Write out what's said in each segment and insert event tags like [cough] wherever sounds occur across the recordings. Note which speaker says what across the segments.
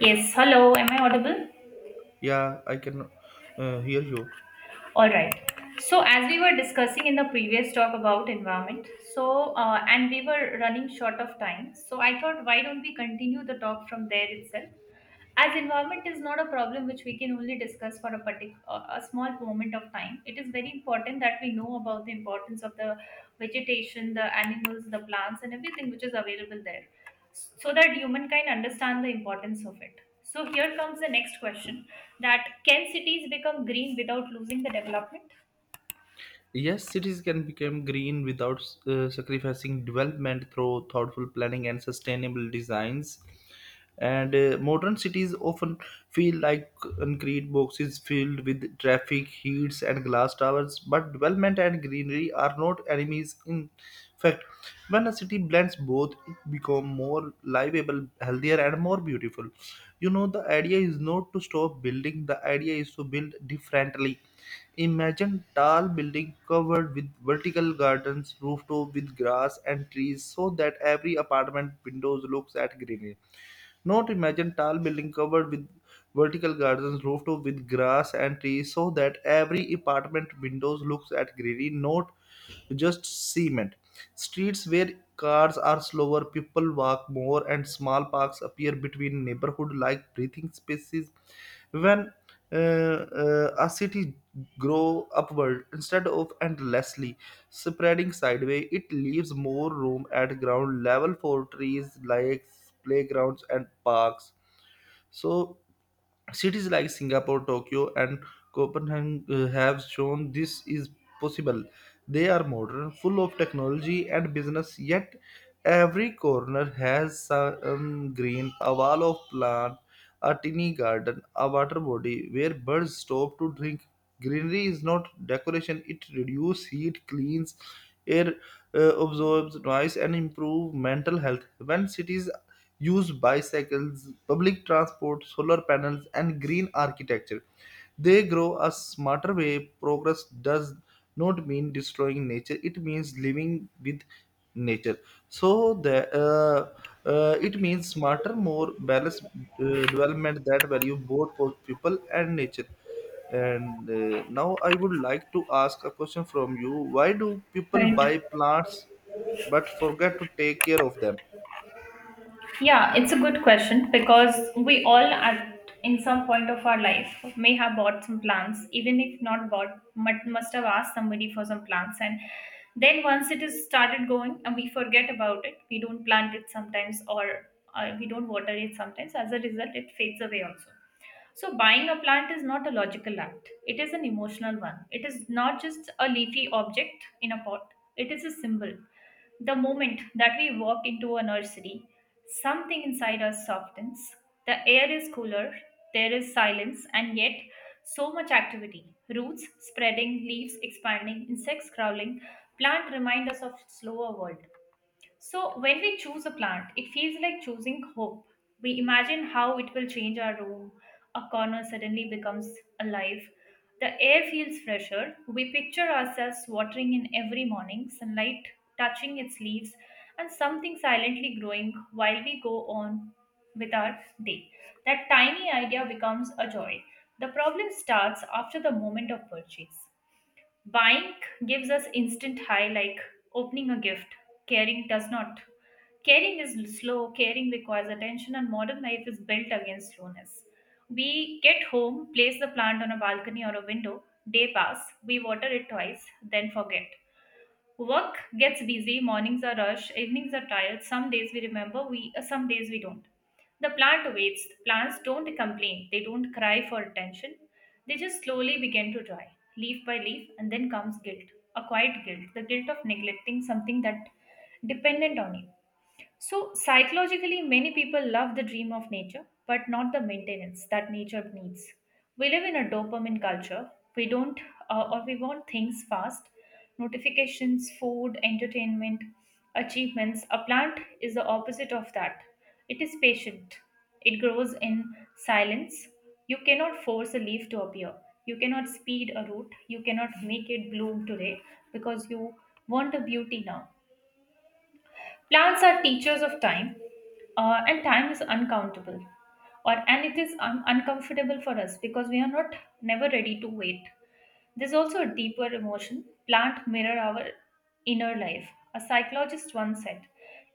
Speaker 1: Yes, hello, am I audible?
Speaker 2: Yeah, I can hear you.
Speaker 1: All right. So, as we were discussing in the previous talk about environment, so and we were running short of time, so I thought, why don't we continue the talk from there itself? As environment is not a problem which we can only discuss for a particular a small moment of time, it is very important that we know about the importance of the vegetation, the animals, the plants, and everything which is available there, so that humankind understand the importance of it. So here comes the next question, that can cities become green without losing the development.
Speaker 2: Yes, cities can become green without sacrificing development through thoughtful planning and sustainable designs. And modern cities often feel like concrete boxes filled with traffic, heats, and glass towers. But development and greenery are not enemies. In fact, when a city blends both, it becomes more livable, healthier, and more beautiful. The idea is not to stop building, the idea is to build differently. Imagine tall building covered with vertical gardens, rooftop with grass and trees so that every apartment windows looks at greenery. Not imagine tall building covered with vertical gardens rooftop with grass and trees so that every apartment windows looks at greenery, not just cement. Streets where cars are slower, people walk more, and small parks appear between neighborhood like breathing spaces. When a city grow upward instead of endlessly spreading sideways, it leaves more room at ground level for trees, lakes, playgrounds, and parks. So, cities like Singapore, Tokyo, and Copenhagen have shown this is possible. They are modern, full of technology and business, yet every corner has some green, a wall of plant, a tiny garden, a water body where birds stop to drink. Greenery is not decoration, it reduces heat, cleans air, absorbs noise, and improves mental health. When cities use bicycles, public transport, solar panels, and green architecture, they grow a smarter way. Progress does not mean destroying nature, it means living with nature. So, it means smarter, more balanced development that value both for people and nature. And now I would like to ask a question from you. Why do people
Speaker 1: Right.
Speaker 2: buy plants but forget to take care of them?
Speaker 1: Yeah, it's a good question, because we all at in some point of our life may have bought some plants, even if not bought, but must have asked somebody for some plants. And then once it is started going, and we forget about it. We don't plant it sometimes, or we don't water it sometimes. As a result, it fades away also. So, buying a plant is not a logical act, it is an emotional one. It is not just a leafy object in a pot, it is a symbol. The moment that we walk into a nursery, something inside us softens. The air is cooler, there is silence, and yet so much activity. Roots spreading, leaves expanding, insects crawling. Plant remind us of slower world. So, when we choose a plant, it feels like choosing hope. We imagine how it will change our room. A corner suddenly becomes alive. The air feels fresher. We picture ourselves watering in every morning, sunlight touching its leaves, and something silently growing while we go on with our day. That tiny idea becomes a joy. The problem starts after the moment of purchase. Buying gives us instant high like opening a gift. Caring does not. Caring is slow, caring requires attention, and modern life is built against slowness. We get home, place the plant on a balcony or a window, day pass, we water it twice, then forget. Work gets busy, mornings are rush, evenings are tired. Some days we remember, we some days we don't. The plant waits. Plants don't complain. They don't cry for attention. They just slowly begin to dry, leaf by leaf, and then comes guilt, a quiet guilt, the guilt of neglecting something that dependent on you. So, psychologically, many people love the dream of nature, but not the maintenance that nature needs. We live in a dopamine culture. We don't, or we want things fast, notifications, food, entertainment, achievements. A plant is the opposite of that. It is patient, it grows in silence. You cannot force a leaf to appear. You cannot speed a root. You cannot make it bloom today because you want a beauty now. Plants are teachers of time, and time is uncountable, or and it is uncomfortable for us because we are not never ready to wait. There's also a deeper emotion. Plant mirror our inner life. A psychologist once said,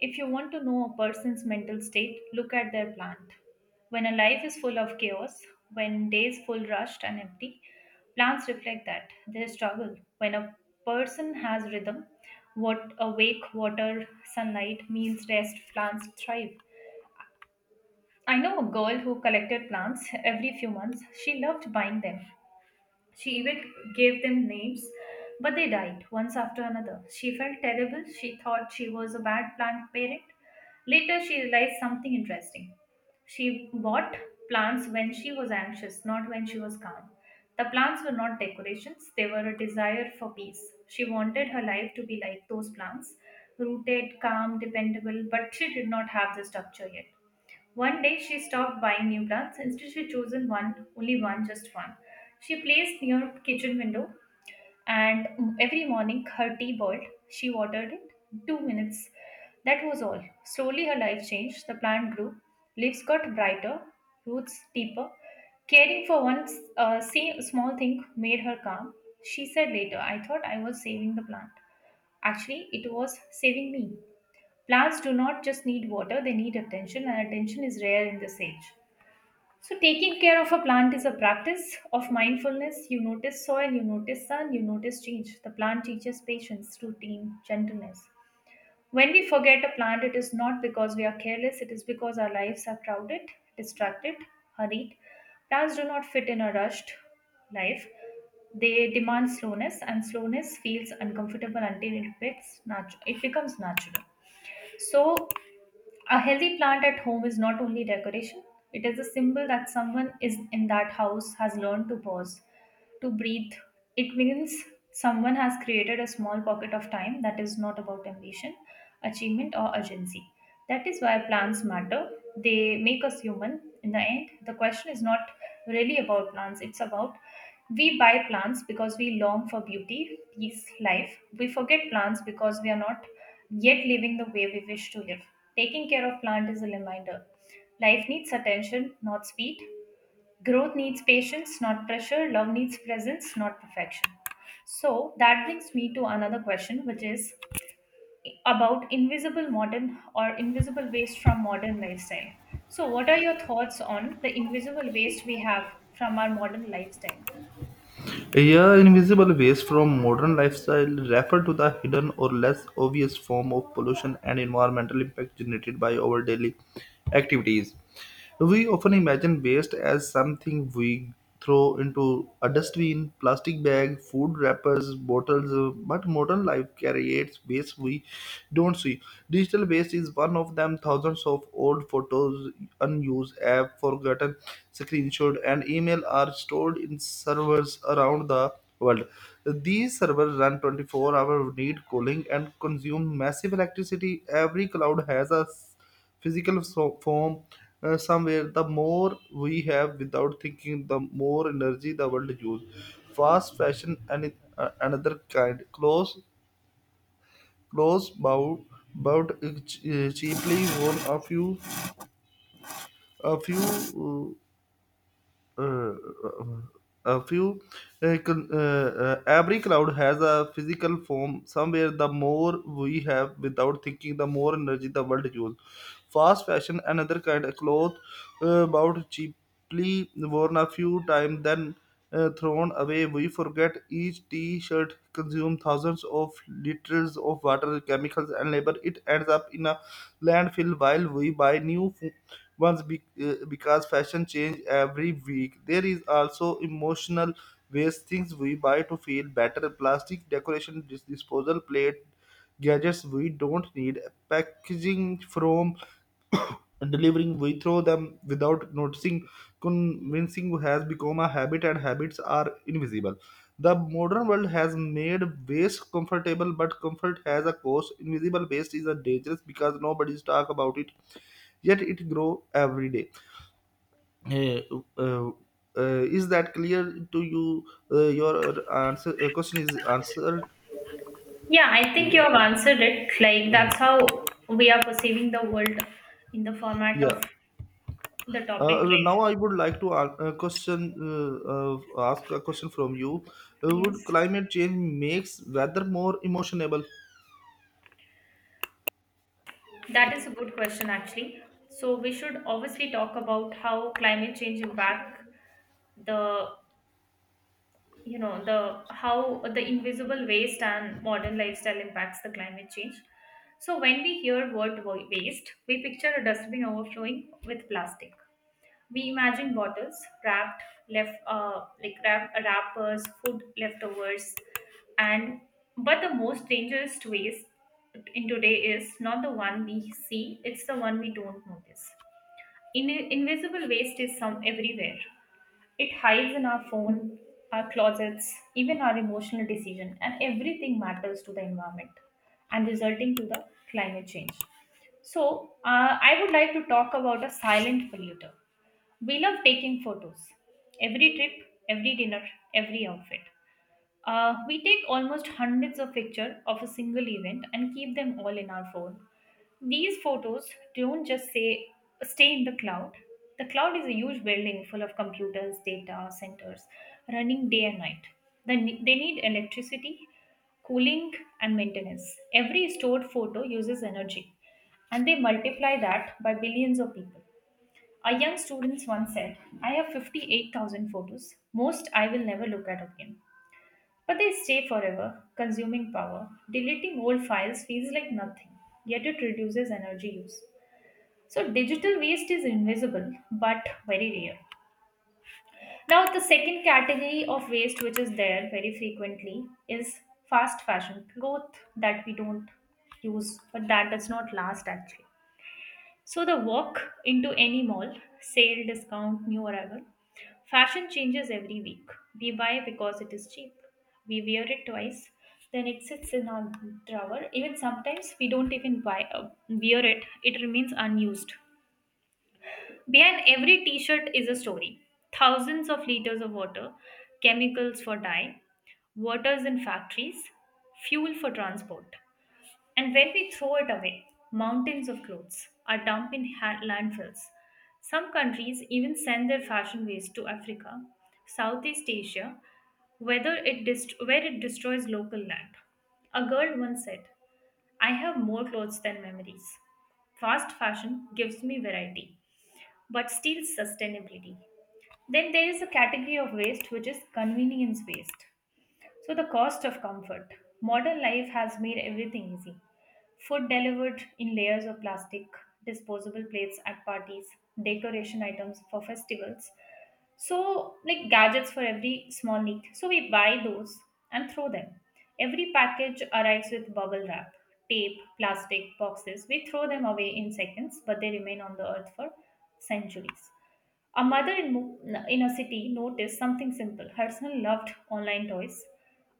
Speaker 1: if you want to know a person's mental state, look at their plant. When a life is full of chaos, when days full rushed and empty, plants reflect that, their struggle. When a person has rhythm, what awake water, sunlight means rest, plants thrive. I know a girl who collected plants every few months. She loved buying them. She even gave them names, but they died once after another. She felt terrible. She thought she was a bad plant parent. Later, she realized something interesting. She bought plants when she was anxious, not when she was calm. The plants were not decorations, they were a desire for peace. She wanted her life to be like those plants, rooted, calm, dependable, but she did not have the structure yet. One day she stopped buying new plants. Instead, she chosen one, only one, just one. She placed near kitchen window, and every morning her tea boiled. She watered it 2 minutes. That was all. Slowly, her life changed. The plant grew. Leaves got brighter, roots deeper. Caring for one small thing made her calm. She said later, "I thought I was saving the plant. Actually, it was saving me." Plants do not just need water, they need attention, and attention is rare in this age. So, taking care of a plant is a practice of mindfulness. You notice soil, you notice sun, you notice change. The plant teaches patience, routine, gentleness. When we forget a plant, it is not because we are careless, it is because our lives are crowded, distracted, hurried. Plants do not fit in a rushed life. They demand slowness, and slowness feels uncomfortable until it becomes natural. So, a healthy plant at home is not only decoration, it is a symbol that someone is in that house has learned to pause, to breathe. It means someone has created a small pocket of time that is not about ambition, achievement, or urgency. That is why plants matter. They make us human. In the end, the question is not really about plants, it's about, we buy plants because we long for beauty, peace, life. We forget plants because we are not yet living the way we wish to live. Taking care of plant is a reminder. Life needs attention, not speed. Growth needs patience, not pressure. Love needs presence, not perfection. So that brings me to another question, which is about invisible modern or invisible waste from modern lifestyle. So, what are your thoughts on the invisible waste we have from our modern lifestyle?
Speaker 2: Yeah, invisible waste from modern lifestyle refer to the hidden or less obvious form of pollution and environmental impact generated by our daily activities. We often imagine waste as something we throw into a dustbin, plastic bag, food wrappers, bottles, but modern life creates waste we don't see. Digital waste is one of them. Thousands of old photos, unused app, forgotten screenshots, and email are stored in servers around the world. These servers run 24-hour, need cooling and consume massive electricity. Every cloud has a physical form somewhere. The more we have without thinking, the more energy the world uses. Fast fashion and another kind. Close, bought cheaply, worn a few uh, uh, uh, a few con- every cloud has a physical form somewhere, the more we have without thinking, the more energy the world uses. Fast fashion, another kind of cloth, bought cheaply, worn a few times, then thrown away. We forget each t shirt consumes thousands of liters of water, chemicals, and labor. It ends up in a landfill while we buy ones because fashion change every week. There is also emotional waste, things we buy to feel better, plastic decoration, disposal plate, gadgets we don't need, packaging from [coughs] delivering, we throw them without noticing. Convincing has become a habit, and habits are invisible. The modern world has made waste comfortable, but comfort has a cost. Invisible waste is a dangerous because nobody's talk about it, yet it grow every day. Eh, uh, is that clear to you? Your answer, question is answered,
Speaker 1: Yeah, I think you have
Speaker 2: yeah?
Speaker 1: answered it. Like, that's how we are perceiving the world in the format
Speaker 2: Yeah.
Speaker 1: of the topic, right?
Speaker 2: Now I would like to ask a question, ask a question from you.
Speaker 1: Yes.
Speaker 2: Would climate change makes weather more emotionable?
Speaker 1: That is a good question, actually. So, we should obviously talk about how climate change impact the, you know, the how the invisible waste and modern lifestyle impacts the climate change. So when we hear word waste, we picture a dustbin overflowing with plastic. We imagine bottles wrapped, left, wrappers, food leftovers, and but the most dangerous waste in today is not the one we see, it's the one we don't notice. Invisible waste is some everywhere. It hides in our phone, our closets, even our emotional decision, and everything matters to the environment and resulting to the climate change. So, I would like to talk about a silent polluter. We love taking photos. Every trip, every dinner, every outfit. We take almost hundreds of pictures of a single event and keep them all in our phone. These photos don't just say stay in the cloud. The cloud is a huge building full of computers, data centers running day and night. They need electricity, cooling, and maintenance. Every stored photo uses energy, and they multiply that by billions of people. A young student once said, I have 58,000 photos, most I will never look at again. But they stay forever, consuming power. Deleting old files feels like nothing, yet it reduces energy use. So, digital waste is invisible but very real. Now, the second category of waste which is there very frequently is fast fashion cloth that we don't use but that does not last actually. So the walk into any mall, sale, discount, new arrival. Fashion changes every week. We buy because it is cheap. We wear it twice, then it sits in our drawer. Even sometimes we don't even buy wear it. It remains unused. Behind every t-shirt is a story. Thousands of liters of water, chemicals for dye, waters in factories, fuel for transport. And when we throw it away, mountains of clothes are dumped in landfills. Some countries even send their fashion waste to Africa, Southeast Asia, whether it where it destroys local land. A girl once said, I have more clothes than memories. Fast fashion gives me variety, but steals sustainability. Then there is a category of waste which is convenience waste. So, the cost of comfort. Modern life has made everything easy. Food delivered in layers of plastic, disposable plates at parties, decoration items for festivals. So, like gadgets for every small need. So, we buy those and throw them. Every package arrives with bubble wrap, tape, plastic boxes. We throw them away in seconds, but they remain on the earth for centuries. A mother in a city noticed something simple. Her son loved online toys.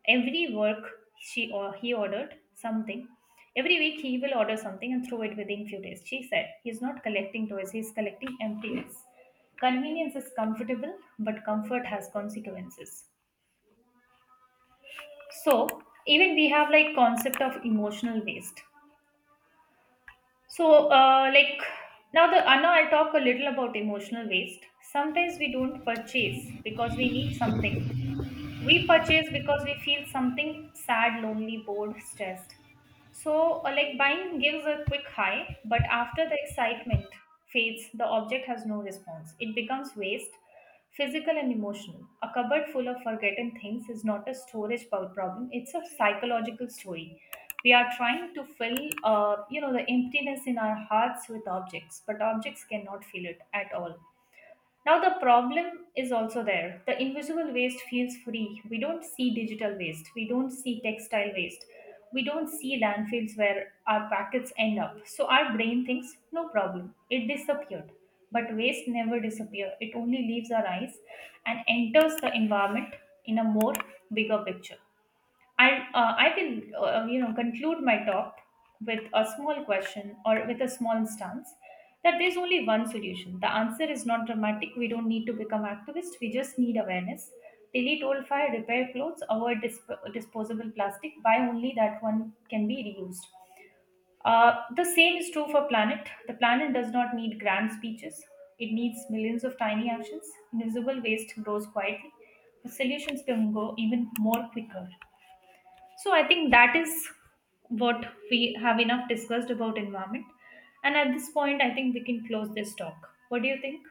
Speaker 1: Every work she or he ordered something. Every week he will order something and throw it within few days. She said he's not collecting toys, he's collecting empty. Convenience is comfortable, but comfort has consequences. So even we have like concept of emotional waste. So, like now, the Anna, I'll talk a little about emotional waste. Sometimes we don't purchase because we need something, we purchase because we feel something, sad, lonely, bored, stressed. So like, buying gives a quick high, but after the excitement fades, the object has no response, it becomes waste, physical and emotional. A cupboard full of forgotten things is not a storage problem, it's a psychological story. We are trying to fill, you know, the emptiness in our hearts with objects, but objects cannot fill it at all. Now, the problem is also there. The invisible waste feels free. We don't see digital waste, we don't see textile waste, we don't see landfills where our packets end up. So, our brain thinks, no problem, it disappeared. But waste never disappears, it only leaves our eyes and enters the environment in a more bigger picture. And I can, you know, conclude my talk with a small question or with a small stance that there's only one solution. The answer is not dramatic. We don't need to become activists. We just need awareness. Delete old fire, repair clothes, avoid disposable plastic. Buy only that one can be reused. The same is true for planet. The planet does not need grand speeches. It needs millions of tiny actions. Invisible waste grows quietly. The solutions can go even more quicker. So I think that is what we have enough discussed about environment. And at this point, I think we can close this talk. What do you think?